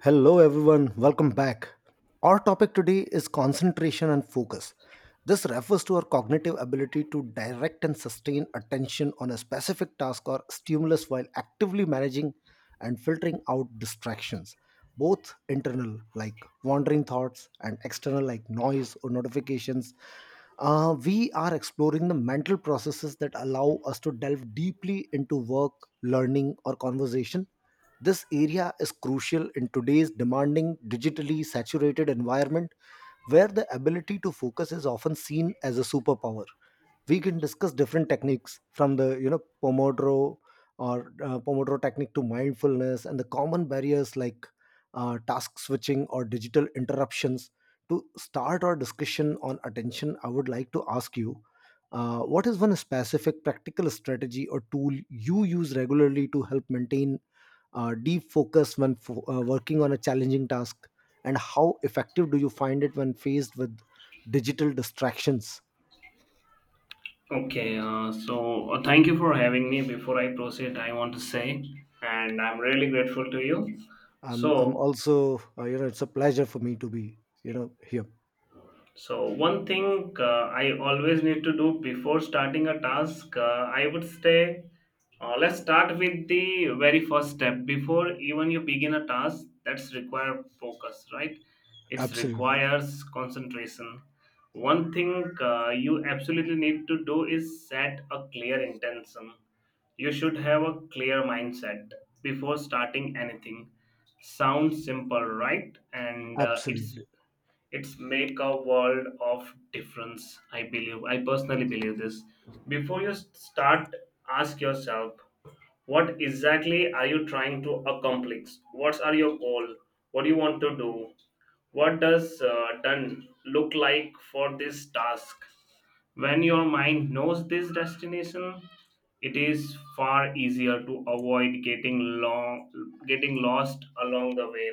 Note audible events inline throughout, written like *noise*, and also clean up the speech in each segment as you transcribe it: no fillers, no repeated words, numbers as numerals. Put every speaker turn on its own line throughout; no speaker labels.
Hello, everyone. Welcome back. Our topic today is concentration and focus. This refers to our cognitive ability to direct and sustain attention on a specific task or stimulus while actively managing and filtering out distractions, both internal, like wandering thoughts, and external, like noise or notifications. We are exploring the mental processes that allow us to delve deeply into work, learning, or conversation. This area is crucial in today's demanding, digitally saturated environment, where the ability to focus is often seen as a superpower. We can discuss different techniques from the pomodoro or pomodoro technique to mindfulness, and the common barriers like task switching or digital interruptions. To start our discussion on attention, I would like to ask you, what is one specific practical strategy or tool you use regularly to help maintain deep focus when working on a challenging task, and how effective do you find it when faced with digital distractions?
Okay, so thank you for having me. Before I proceed, I want to say, and I'm really grateful to you.
I'm
So,
also, it's a pleasure for me to be here.
so, one thing I always need to do before starting a task, I would say, let's start with the very first step before even you begin a task. That's require focus, right? It
Absolutely,
requires concentration. One thing you absolutely need to do is set a clear intention. You should have a clear mindset before starting anything. Sounds simple, right? And it's
absolutely.
it's make a world of difference. I believe, I personally believe this. Before you start, ask yourself: what exactly are you trying to accomplish? What are your goal? What do you want to do? What does done look like for this task? When your mind knows this destination, it is far easier to avoid getting lost along the way.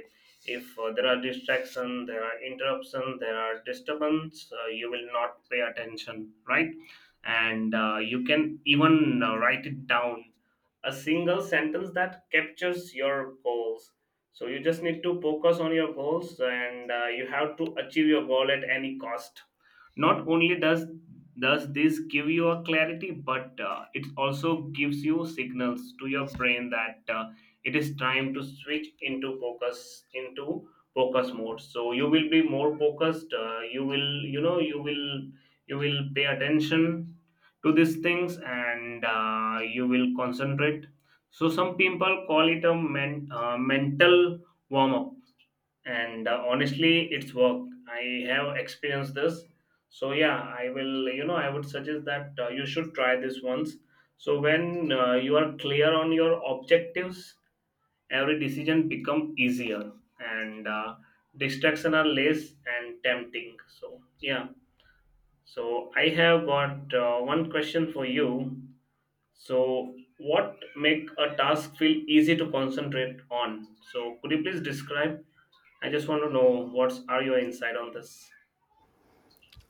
If there are distraction, there are interruption, there are disturbance, you will not pay attention, right? And you can even write it down, a single sentence that captures your goals. So you just need to focus on your goals, and you have to achieve your goal at any cost. Not only does this give you a clarity, but it also gives you signals to your brain that it is time to switch into focus mode. So you will be more focused. Uh, You will you know you will pay attention to these things, and you will concentrate. So some people call it a mental warm up and honestly, it's worked. I have experienced this. So yeah, I would suggest that you should try this once. So when you are clear on your objectives, every decision become easier, and distraction are less and tempting. So yeah, so I have got one question for you. So, what make a task feel easy to concentrate on? So, could you please describe? I just want to know what's are your insight on this?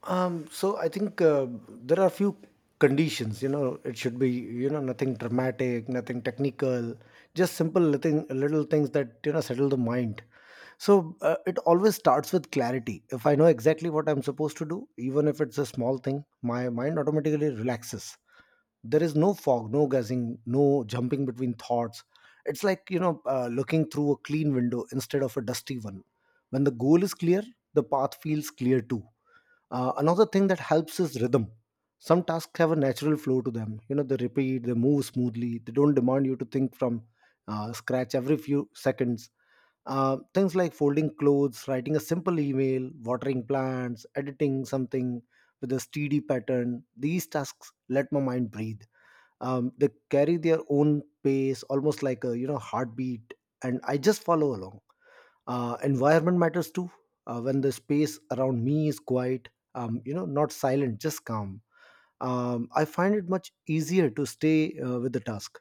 So I think there are few conditions. You know, it should be, nothing dramatic, nothing technical, just simple little things that settle the mind. So it always starts with clarity. If I know exactly what I'm supposed to do, even if it's a small thing, my mind automatically relaxes. There is no fog, no guessing, no jumping between thoughts. It's like, looking through a clean window instead of a dusty one. When the goal is clear, the path feels clear too. Another thing that helps is rhythm. Some tasks have a natural flow to them. You know, they repeat, they move smoothly, they don't demand you to think from scratch every few seconds. Things like folding clothes, writing a simple email, watering plants, editing something with a steady pattern, these tasks let my mind breathe. They carry their own pace, almost like a, heartbeat, and I just follow along. Environment matters too. When the space around me is quiet, not silent, just calm, I find it much easier to stay with the task.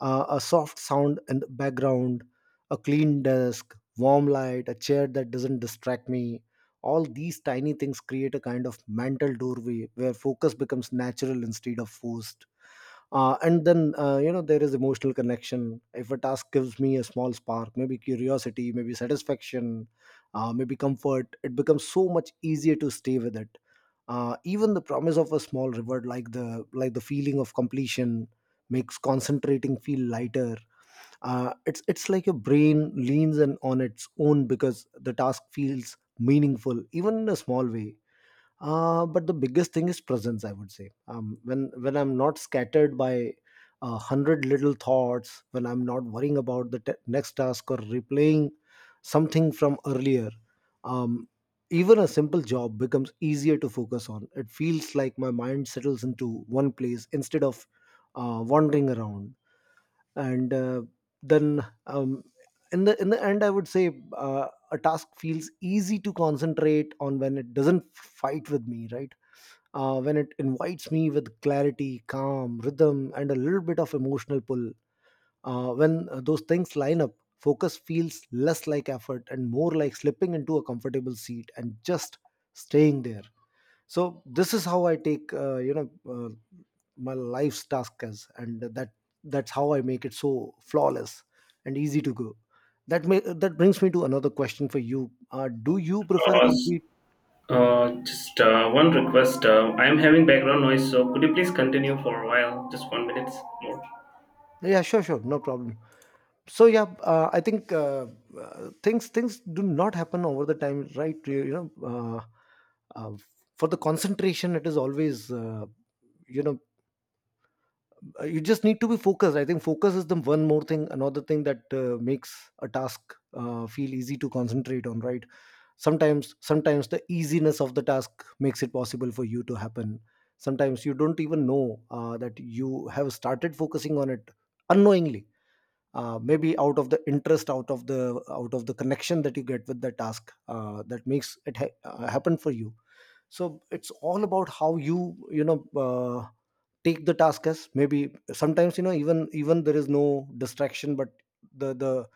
A soft sound in the background, a clean desk, warm light, a chair that doesn't distract me, all these tiny things create a kind of mental doorway where focus becomes natural instead of forced. And then you know There is emotional connection. If a task gives me a small spark, maybe curiosity, maybe satisfaction, maybe comfort, it becomes so much easier to stay with it. Even the promise of a small reward, like the feeling of completion, makes concentrating feel lighter. It's like your brain leans in on its own because the task feels meaningful, even in a small way. But the biggest thing is presence, I would say. When I'm not scattered by a hundred little thoughts, when I'm not worrying about the next task, or replaying something from earlier, um, even a simple job becomes easier to focus on. It feels like my mind settles into one place instead of wandering around. And uh, then um, in the in the end, I would say a task feels easy to concentrate on when it doesn't fight with me, right? When it invites me with clarity, calm, rhythm, and a little bit of emotional pull. When those things line up, focus feels less like effort and more like slipping into a comfortable seat and just staying there. So this is how I take, uh, my life's task is, and that's how I make it so flawless and easy to go. That brings me to another question for you. Do you prefer a
Uh, s-
complete—
just one request. I am having background noise, so could you please continue for a while? Just 1 minute more.
Yeah, sure, sure, no problem. So yeah, I think things do not happen over the time, right? Uh, for the concentration, it is always, you know you just need to be focused. I think focus is the one more thing, another thing that makes a task feel easy to concentrate on, right? Sometimes the easiness of the task makes it possible for you to happen. Sometimes you don't even know that you have started focusing on it unknowingly. Maybe out of the interest, out of the connection that you get with the task that makes it happen for you. So it's all about how you, you know take the task as. Maybe sometimes, even there is no distraction, but the the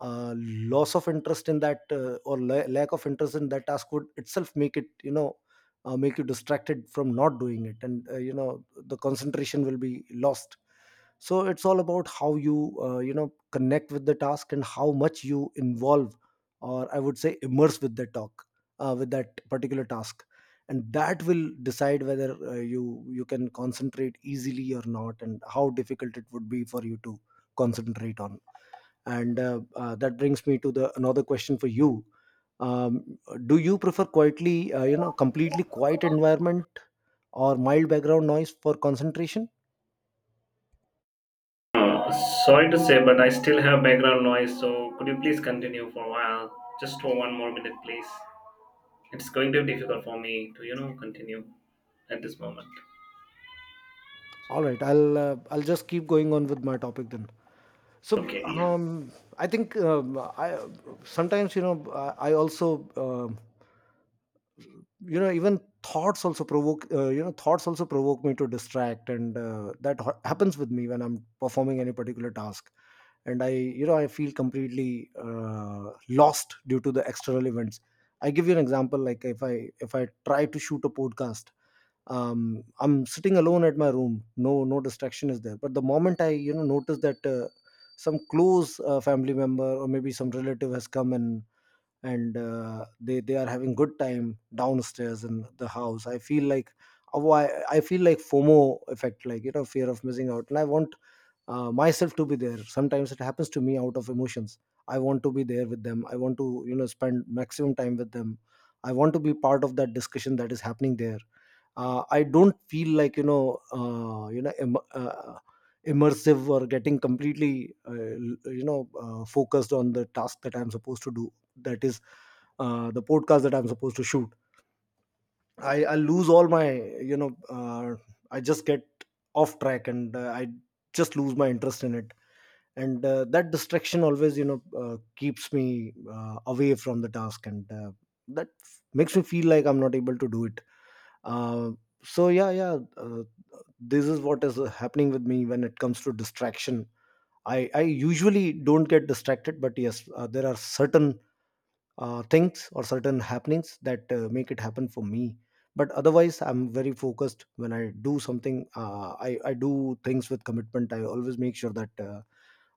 uh, loss of interest in that, or lack of interest in that task would itself make it, make you distracted from not doing it, and the concentration will be lost. So it's all about how you, you know connect with the task and how much you involve, or I would say, immerse with the talk, with that particular task. And that will decide whether you can concentrate easily or not, and how difficult it would be for you to concentrate on. And uh, uh, that brings me to the another question for you. um, do you prefer quietly, completely quiet environment or mild background noise for concentration?
Uh, Sorry to say, but I still have background noise, so could you please continue for a while? Just for one more minute, please. It's going to be difficult for me to, continue at this moment.
All right, I'll just keep going on with my topic then. So
Okay, yeah.
um, I sometimes, I also, even thoughts also provoke, thoughts also provoke me to distract, and happens with me when I'm performing any particular task, and I, I feel completely lost due to the external events. I give you an example. Like, if I try to shoot a podcast, I'm sitting alone at my room. No, no distraction is there. But the moment I, you know, notice that some close family member or maybe some relative has come, and they are having good time downstairs in the house, I feel like, oh, I feel like FOMO effect, like, you know, fear of missing out, and I want myself to be there. Sometimes it happens to me out of emotions. I want to be there with them. I want to, spend maximum time with them. I want to be part of that discussion that is happening there. I don't feel like, immersive, or getting completely, focused on the task that I'm supposed to do, that is the podcast that I'm supposed to shoot. I lose all my, I just get off track, and I just lose my interest in it. And that distraction always, keeps me away from the task, and makes me feel like I'm not able to do it. uh, so yeah yeah uh, this is what is happening with me when it comes to distraction. I usually don't get distracted, but yes, there are certain things or certain happenings that make it happen for me. But otherwise, I'm very focused when I do something. I do things with commitment. I always make sure that uh,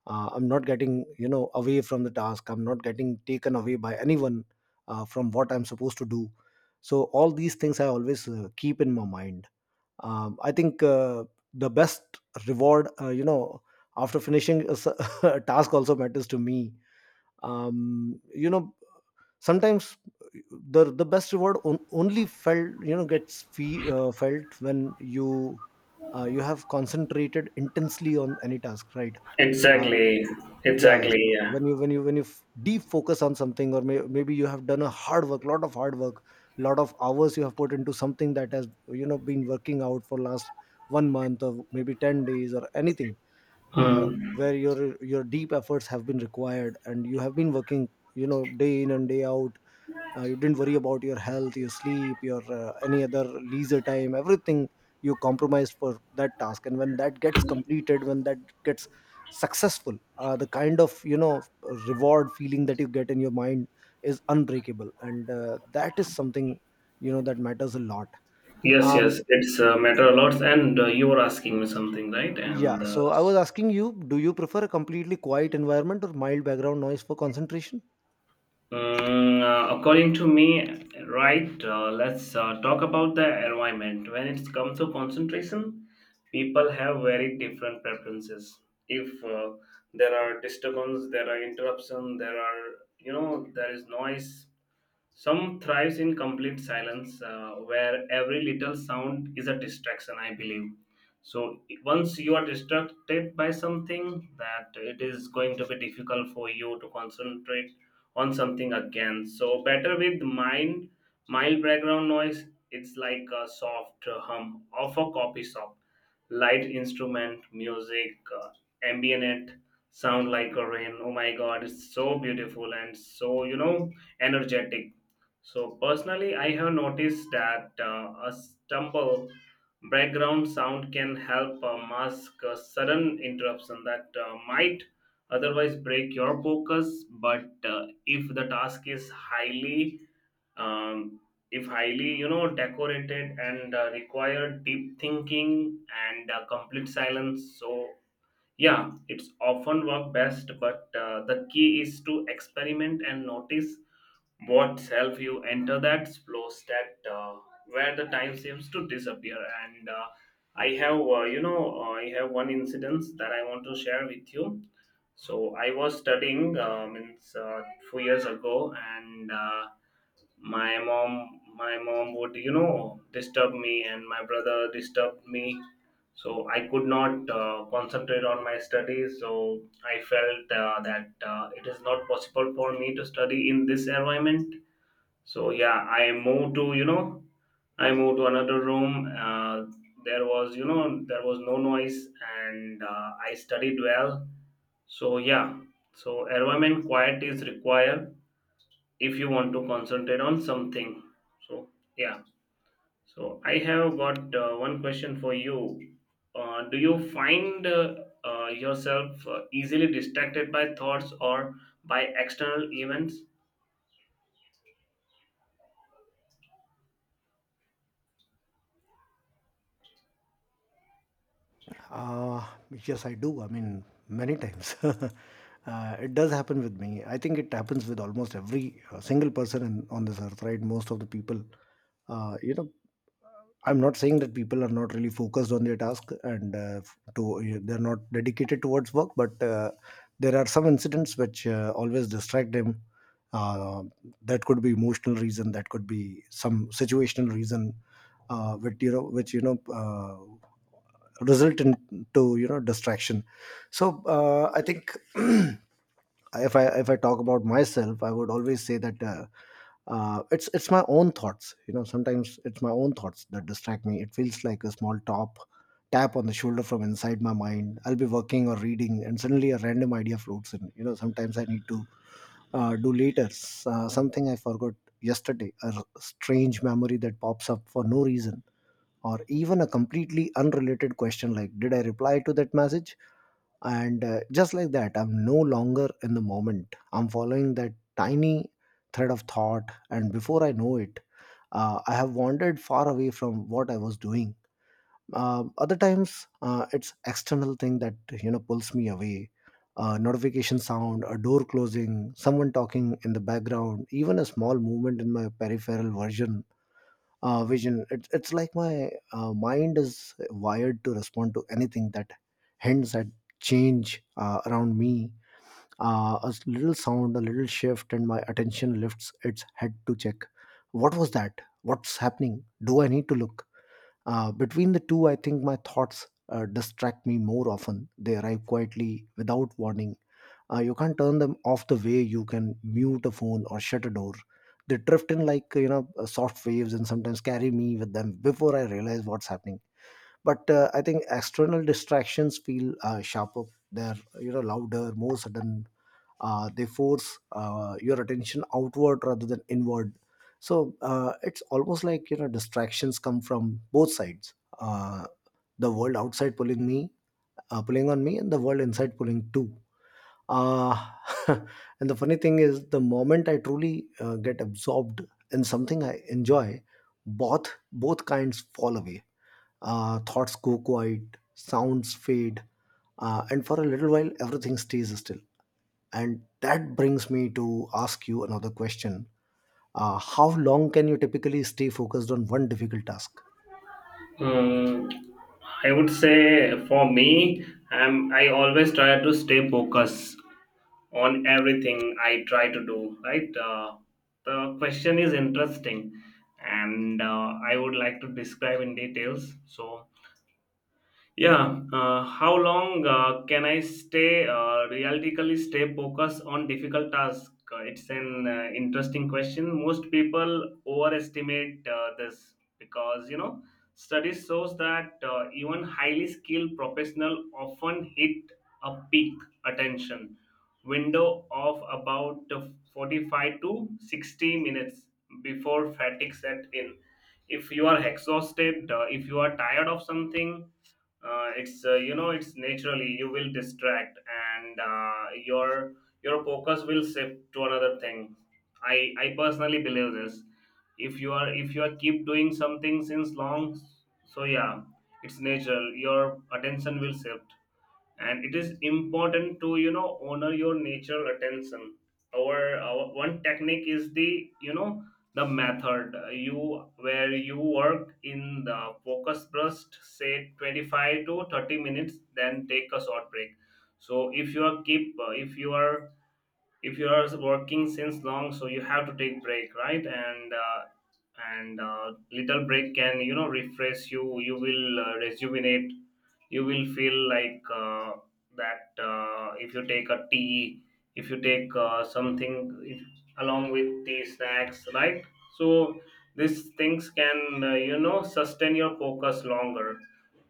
uh, I'm not getting, away from the task. I'm not getting taken away by anyone from what I'm supposed to do. So all these things I always keep in my mind. I think The best reward, after finishing a, *laughs* a task also matters to me. um, you know Sometimes the best reward on, only felt, gets felt when you you have concentrated intensely on any task, right? Uh,
Exactly,
yeah,
exactly.
so
Yeah.
when you, when you deep focus on something, or maybe you have done a hard work, lot of hard work, lot of hours you have put into something that has, been working out for last one month or maybe 10 days or anything, uh,
Mm.
where your deep efforts have been required, and you have been working, day in and day out. You didn't worry about your health, your sleep, your, any other leisure time. Everything you compromised for that task, and when that gets completed, when that gets successful, the kind of, reward feeling that you get in your mind is unbreakable, and that is something, that matters a lot.
Yes, yes.
um
It's matter a lot. And you were asking me something, right?
yeah, so I was asking you, do you prefer a completely quiet environment or mild background noise for concentration?
According to me, right? Let's talk about the environment. When it comes to concentration, people have very different preferences. If there are disturbance, there are interruption, there are there is noise. Some thrives in complete silence, where every little sound is a distraction, I believe. So once you are distracted by something, that it is going to be difficult for you to concentrate on something again. So better with mild background noise. It's like a soft hum of a coffee shop, light instrument, music, uh, ambient sound like a rain. Oh my God, it's so beautiful and so energetic. So personally, I have noticed that a stumble background sound can help mask a sudden interruption that might otherwise break your focus. But if the task is highly, um, if highly decorated and require deep thinking and complete silence, so yeah, it's often work best. But the key is to experiment and notice what help you enter that slow state, where the time seems to disappear. And I have one incident that I want to share with you. So I was studying, means few years ago, and my mom would disturb me, and my brother disturbed me, so I could not concentrate on my studies. So I felt that it is not possible for me to study in this environment. So yeah, I moved to another room. There was no noise, and I studied well. So yeah, so environment quiet is required if you want to concentrate on something. So yeah, so I have got one question for you. Do you find yourself easily distracted by thoughts or by external events?
Uh, yes, I do. I mean, many times. *laughs* It does happen with me. I think it happens with almost every single person in, on this earth, right? Most of the people, uh, you know, I'm not saying that people are not really focused on their task and f- to they're not dedicated towards work, but there are some incidents which always distract them. uh, that could be emotional reason, that could be some situational reason, which result into distraction. So I think *clears throat* if I talk about myself, I would always say that it's my own thoughts. Sometimes it's my own thoughts that distract me. It feels like a small top tap on the shoulder from inside my mind. I'll be working or reading, and suddenly a random idea floats in. Sometimes I need to do later. Something I forgot yesterday, a strange memory that pops up for no reason, or even a completely unrelated question like, did I reply to that message? And just like that, I'm no longer in the moment. I'm following that tiny thread of thought, and before I know it, I have wandered far away from what I was doing. Other times, it's external thing that pulls me away. A notification sound, a door closing, someone talking in the background, even a small movement in my peripheral version, vision. It's like my mind is wired to respond to anything that hints at change around me. A little sound, a little shift, and my attention lifts its head to check. What was that? What's happening? Do I need to look? Between the two, I think my thoughts distract me more often. They arrive quietly without warning. You can't turn them off the way you can mute a phone or shut a door. They drift in like soft waves and sometimes carry me with them before I realize what's happening. But I think external distractions feel sharper. They're louder, more sudden, they force your attention outward rather than inward. So it's almost like distractions come from both sides. uh, the world outside pulling me, pulling on me, and the world inside pulling too. uh, *laughs* and the funny thing is, the moment I truly get absorbed in something I enjoy, both kinds fall away. Thoughts go quiet, sounds fade, and for a little while everything stays still. And that brings me to ask you another question. How long can you typically stay focused on one difficult task?
Mm, I would say for me, I always try to stay focused on everything I try to do. Right? The question is interesting, and I would like to describe in details. So yeah, how long can I stay realistically stay focused on difficult tasks? It's an interesting question. Most people overestimate this because studies shows that even highly skilled professional often hit a peak attention window of about 45 to 60 minutes before fatigue set in. If you are exhausted, if you are tired of something, it's naturally you will distract, and your focus will shift to another thing. I personally believe this. If you are keep doing something since long, so yeah, it's natural your attention will shift, and it is important to honor your natural attention. Our one technique is the method, you where you work in the focus burst, say 25 to 30 minutes, then take a short break. So if you are working since long, so you have to take break, right? And little break can refresh you. You will rejuvenate. You will feel like that if you take a tea, if you take something, if, along with tea snacks, right? So these things can sustain your focus longer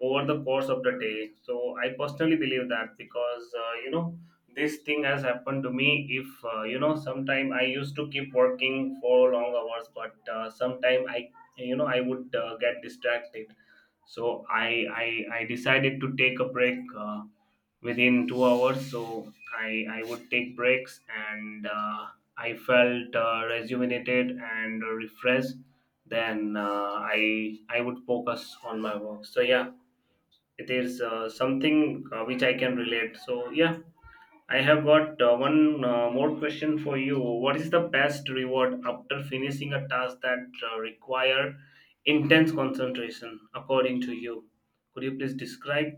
over the course of the day. So I personally believe that, because this thing has happened to me. If sometime I used to keep working for long hours, but sometime I you know I would get distracted. So I decided to take a break within 2 hours. So I would take breaks, and I felt rejuvenated and refreshed. Then I would focus on my work. So yeah, it is something which I can relate. So yeah, I have got one more question for you. What is the best reward after finishing a task that require intense concentration, according to you? Could you please describe?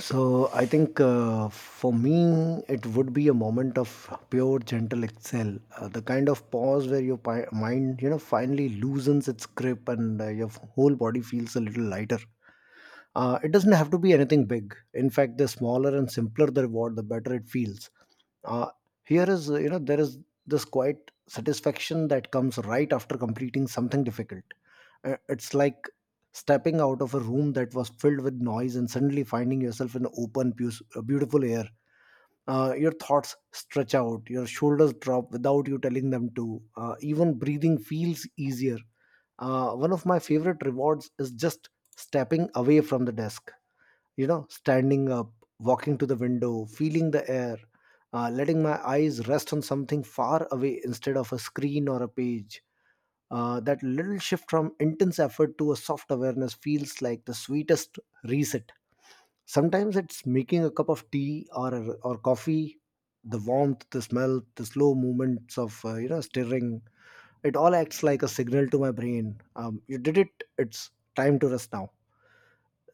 So, I think for me, it would be a moment of pure gentle exhale, the kind of pause where your mind, finally loosens its grip, and your whole body feels a little lighter. It doesn't have to be anything big. In fact, the smaller and simpler the reward, the better it feels. Uh, here is you know There is this quiet satisfaction that comes right after completing something difficult. It's like stepping out of a room that was filled with noise and suddenly finding yourself in open beautiful air. Your thoughts stretch out, your shoulders drop without you telling them to. Even breathing feels easier. One of my favorite rewards is just stepping away from the desk, standing up, walking to the window, feeling the air, letting my eyes rest on something far away instead of a screen or a page. That little shift from intense effort to a soft awareness feels like the sweetest reset. Sometimes it's making a cup of tea or coffee, the warmth, the smell, the slow movements of stirring. It all acts like a signal to my brain. You did it. It's time to rest now.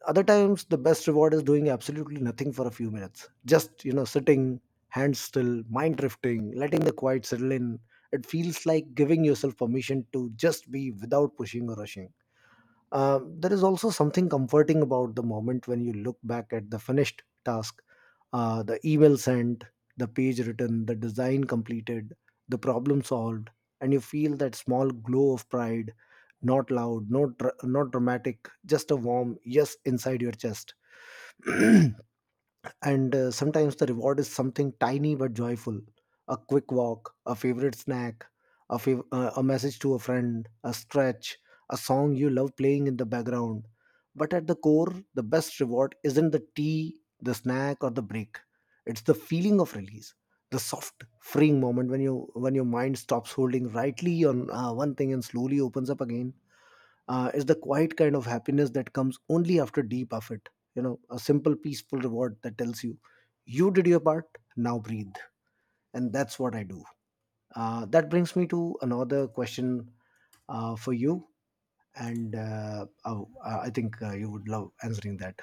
Other times, the best reward is doing absolutely nothing for a few minutes, just sitting, hands still, mind drifting, letting the quiet settle in. It feels like giving yourself permission to just be without pushing or rushing. There is also something comforting about the moment when you look back at the finished task, the email sent, the page written, the design completed, the problem solved, and you feel that small glow of pride, not loud, not dramatic, just a warm yes inside your chest. And sometimes the reward is something tiny but joyful. A quick walk, a favorite snack, a message to a friend, a stretch, a song you love playing in the background. But at the core, the best reward isn't the tea, the snack, or the break. It's the feeling of release, the soft freeing moment when your mind stops holding rightly on one thing and slowly opens up again. Is the quiet kind of happiness that comes only after deep effort. You know, a simple, peaceful reward that tells you, you did your part, now breathe. And that's what I do. That brings me to another question for you. And I think you would love answering that.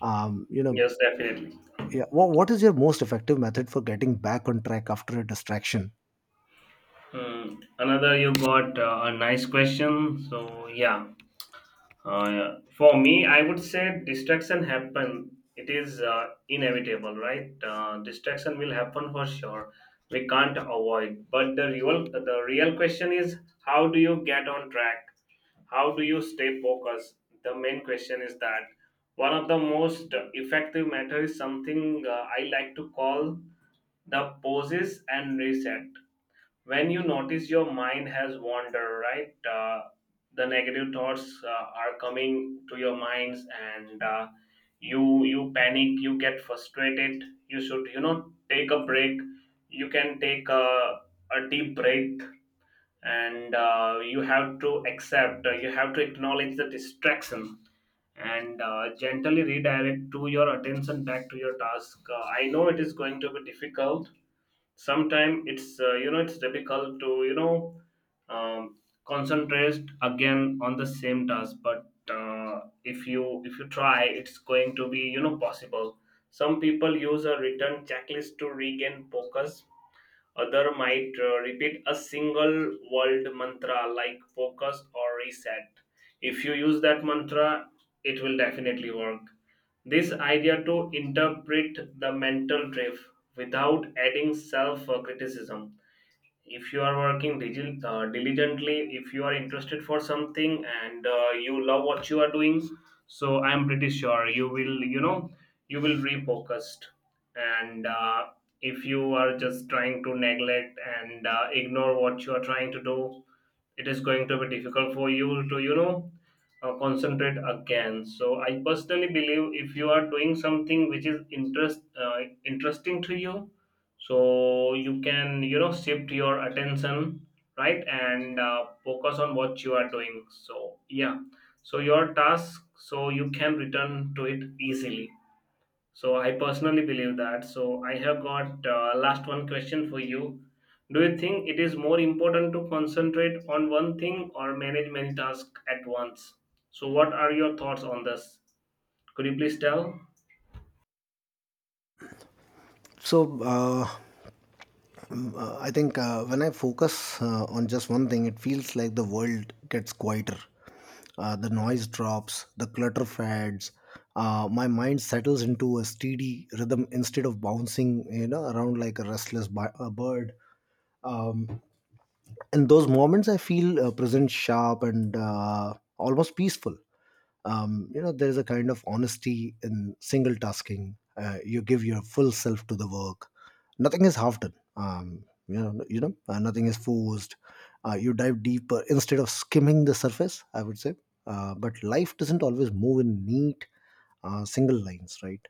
Um, you know,
Yes, definitely.
yeah, what is your most effective method for getting back on track after a distraction?
Hmm. Another, you got a nice question. So yeah. Yeah. For me, I would say distraction happen. It is inevitable, right? Distraction will happen for sure. We can't avoid. But the real question is, how do you get on track? How do you stay focused? The main question is that one of the most effective method is something I like to call the pauses and reset. When you notice your mind has wandered, right, the negative thoughts are coming to your minds, and you panic, you get frustrated. You should take a break. You can take a deep breath, and you have to acknowledge the distraction, and gently redirect to your attention back to your task. I know it is going to be difficult. Sometimes it's difficult to um, concentrate again on the same task. But if you try, it's going to be possible. Some people use a written checklist to regain focus. Other might repeat a single word mantra like focus or reset. If you use that mantra, it will definitely work. This idea to interpret the mental drift without adding self criticism. If you are working diligently, if you are interested for something and you love what you are doing, so I am pretty sure you will refocused. And if you are just trying to neglect and ignore what you are trying to do, it is going to be difficult for you to concentrate again. So I personally believe if you are doing something which is interesting to you, so you can shift your attention, right, and focus on what you are doing. So yeah, so your task, so you can return to it easily. So I personally believe that. So I have got last one question for you. Do you think it is more important to concentrate on one thing or manage many tasks at once? So what are your thoughts on this? Could you please tell?
So, I think when I focus on just one thing, it feels like the world gets quieter. The noise drops, the clutter fades. My mind settles into a steady rhythm instead of bouncing, around like a bird. Um, in those moments, I feel present, sharp, and almost peaceful. There is a kind of honesty in single tasking. You give your full self to the work. Nothing is half done. Nothing is forced. You dive deeper instead of skimming the surface, I would say. But life doesn't always move in neat single lines, right?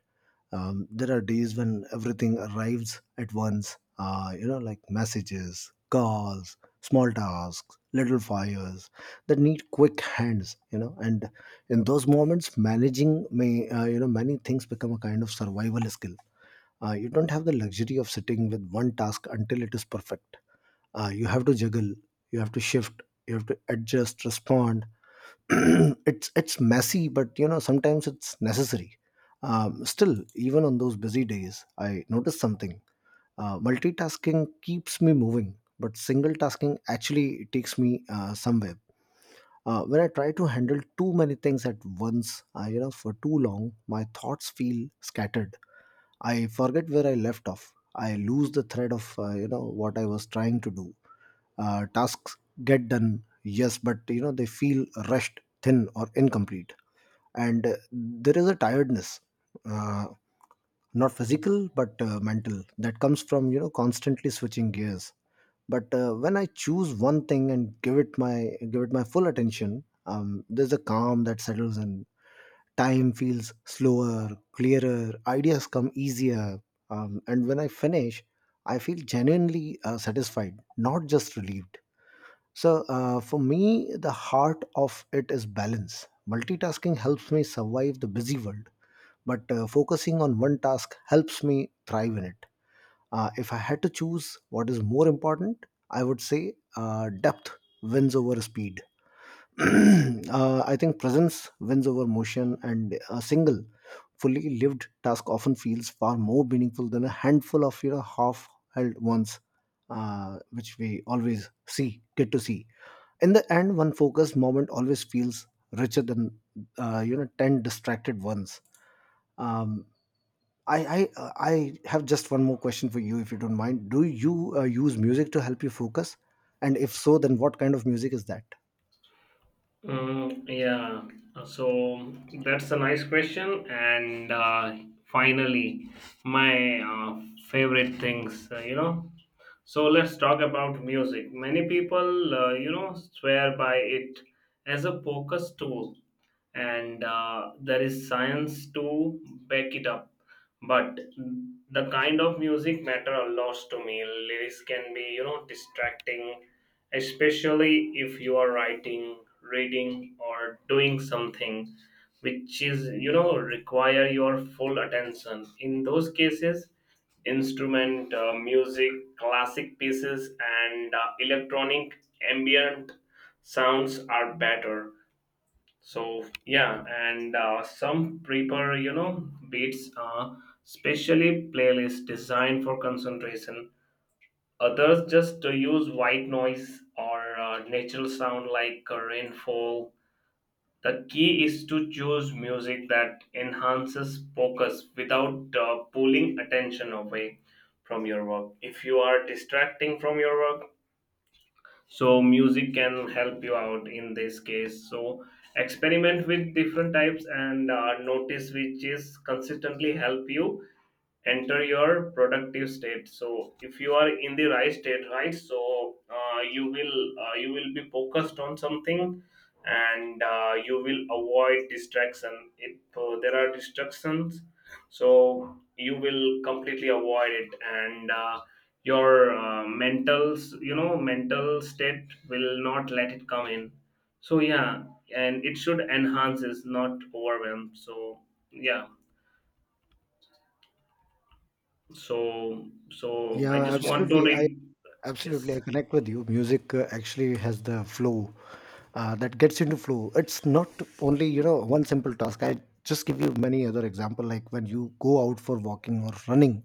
There are days when everything arrives at once, like messages, calls, small tasks, little fires that need quick hands, and in those moments managing may you know many things become a kind of survival skill. You don't have the luxury of sitting with one task until it is perfect. You have to juggle, you have to shift, you have to adjust, respond. *clears throat* It's messy, but sometimes it's necessary. Still, even on those busy days, I noticed something. Multitasking keeps me moving, but single tasking actually takes me somewhere. When I try to handle too many things at once, for too long, my thoughts feel scattered. I forget where I left off. I lose the thread of what I was trying to do. Tasks get done, yes, but they feel rushed, thin, or incomplete, and there is a tiredness, uh, not physical but mental, that comes from constantly switching gears. But when I choose one thing and give it my full attention, there's a calm that settles in. Time feels slower, clearer, ideas come easier. And when I finish, I feel genuinely satisfied, not just relieved. So, for me, the heart of it is balance. Multitasking helps me survive the busy world, but focusing on one task helps me thrive in it. If I had to choose what is more important, I would say depth wins over speed. *clears throat* I think presence wins over motion, and a single, fully lived task often feels far more meaningful than a handful of half-held ones, which we always see get to see. In the end, one focused moment always feels richer than ten distracted ones. Um, I have just one more question for you, if you don't mind. Do you use music to help you focus? And if so, then what kind of music is that?
Mm, yeah. So that's a nice question. And finally, my favorite things. So let's talk about music. Many people, swear by it as a focus tool, and there is science to back it up. But the kind of music matter a lot to me. Lyrics can be distracting, especially if you are writing, reading, or doing something which is require your full attention. In those cases, instrument music, classic pieces, and electronic ambient sounds are better. So yeah, and some prepare beats are specially playlists designed for concentration. Others just to use white noise or natural sound like a rainfall. The key is to choose music that enhances focus without pulling attention away from your work. If you are distracting from your work, so music can help you out in this case. So experiment with different types, and notice which is consistently help you enter your productive state. So if you are in the right state, right, so you will be focused on something, and you will avoid distraction. If there are distractions, so you will completely avoid it, and your mental you know mental state will not let it come in. So yeah, and it should enhance is not overwhelm. So yeah, so
Yeah,
I just want to
absolutely. I
re.
Absolutely,
Yes,
I connect with you. Music actually has the flow that gets into flow. It's not only one simple task. I just give you many other example, like when you go out for walking or running.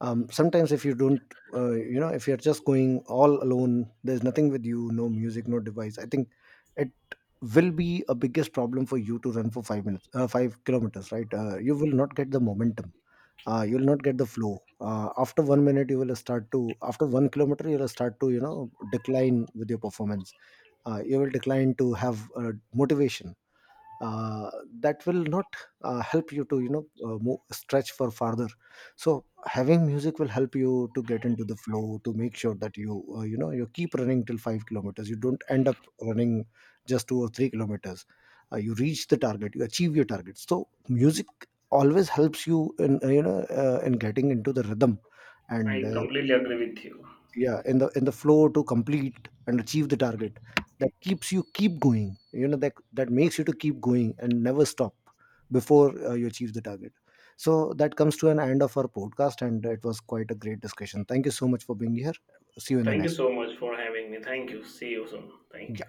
Sometimes if you don't, if you're just going all alone, there's nothing with you, no music, no device. I think it will be a biggest problem for you to run for 5 minutes, 5 kilometers, right? You will not get the momentum. You'll not get the flow. After 1 minute you will start to, after 1 kilometer you'll start to decline with your performance. You will decline to have motivation, uh, that will not help you to move, stretch for farther. So having music will help you to get into the flow, to make sure that you keep running till 5 kilometers. You don't end up running just 2 or 3 kilometers. You reach the target, you achieve your target. So music always helps you in you know in getting into the rhythm. And
I completely agree with you.
yeah, in the flow to complete and achieve the target. That keeps you keep going, that makes you to keep going and never stop before you achieve the target. So that comes to an end of our podcast, and it was quite a great discussion. Thank you so much for being here. See you in the
Thank you
next.
so much for having me. Thank you. See you soon. Thank you.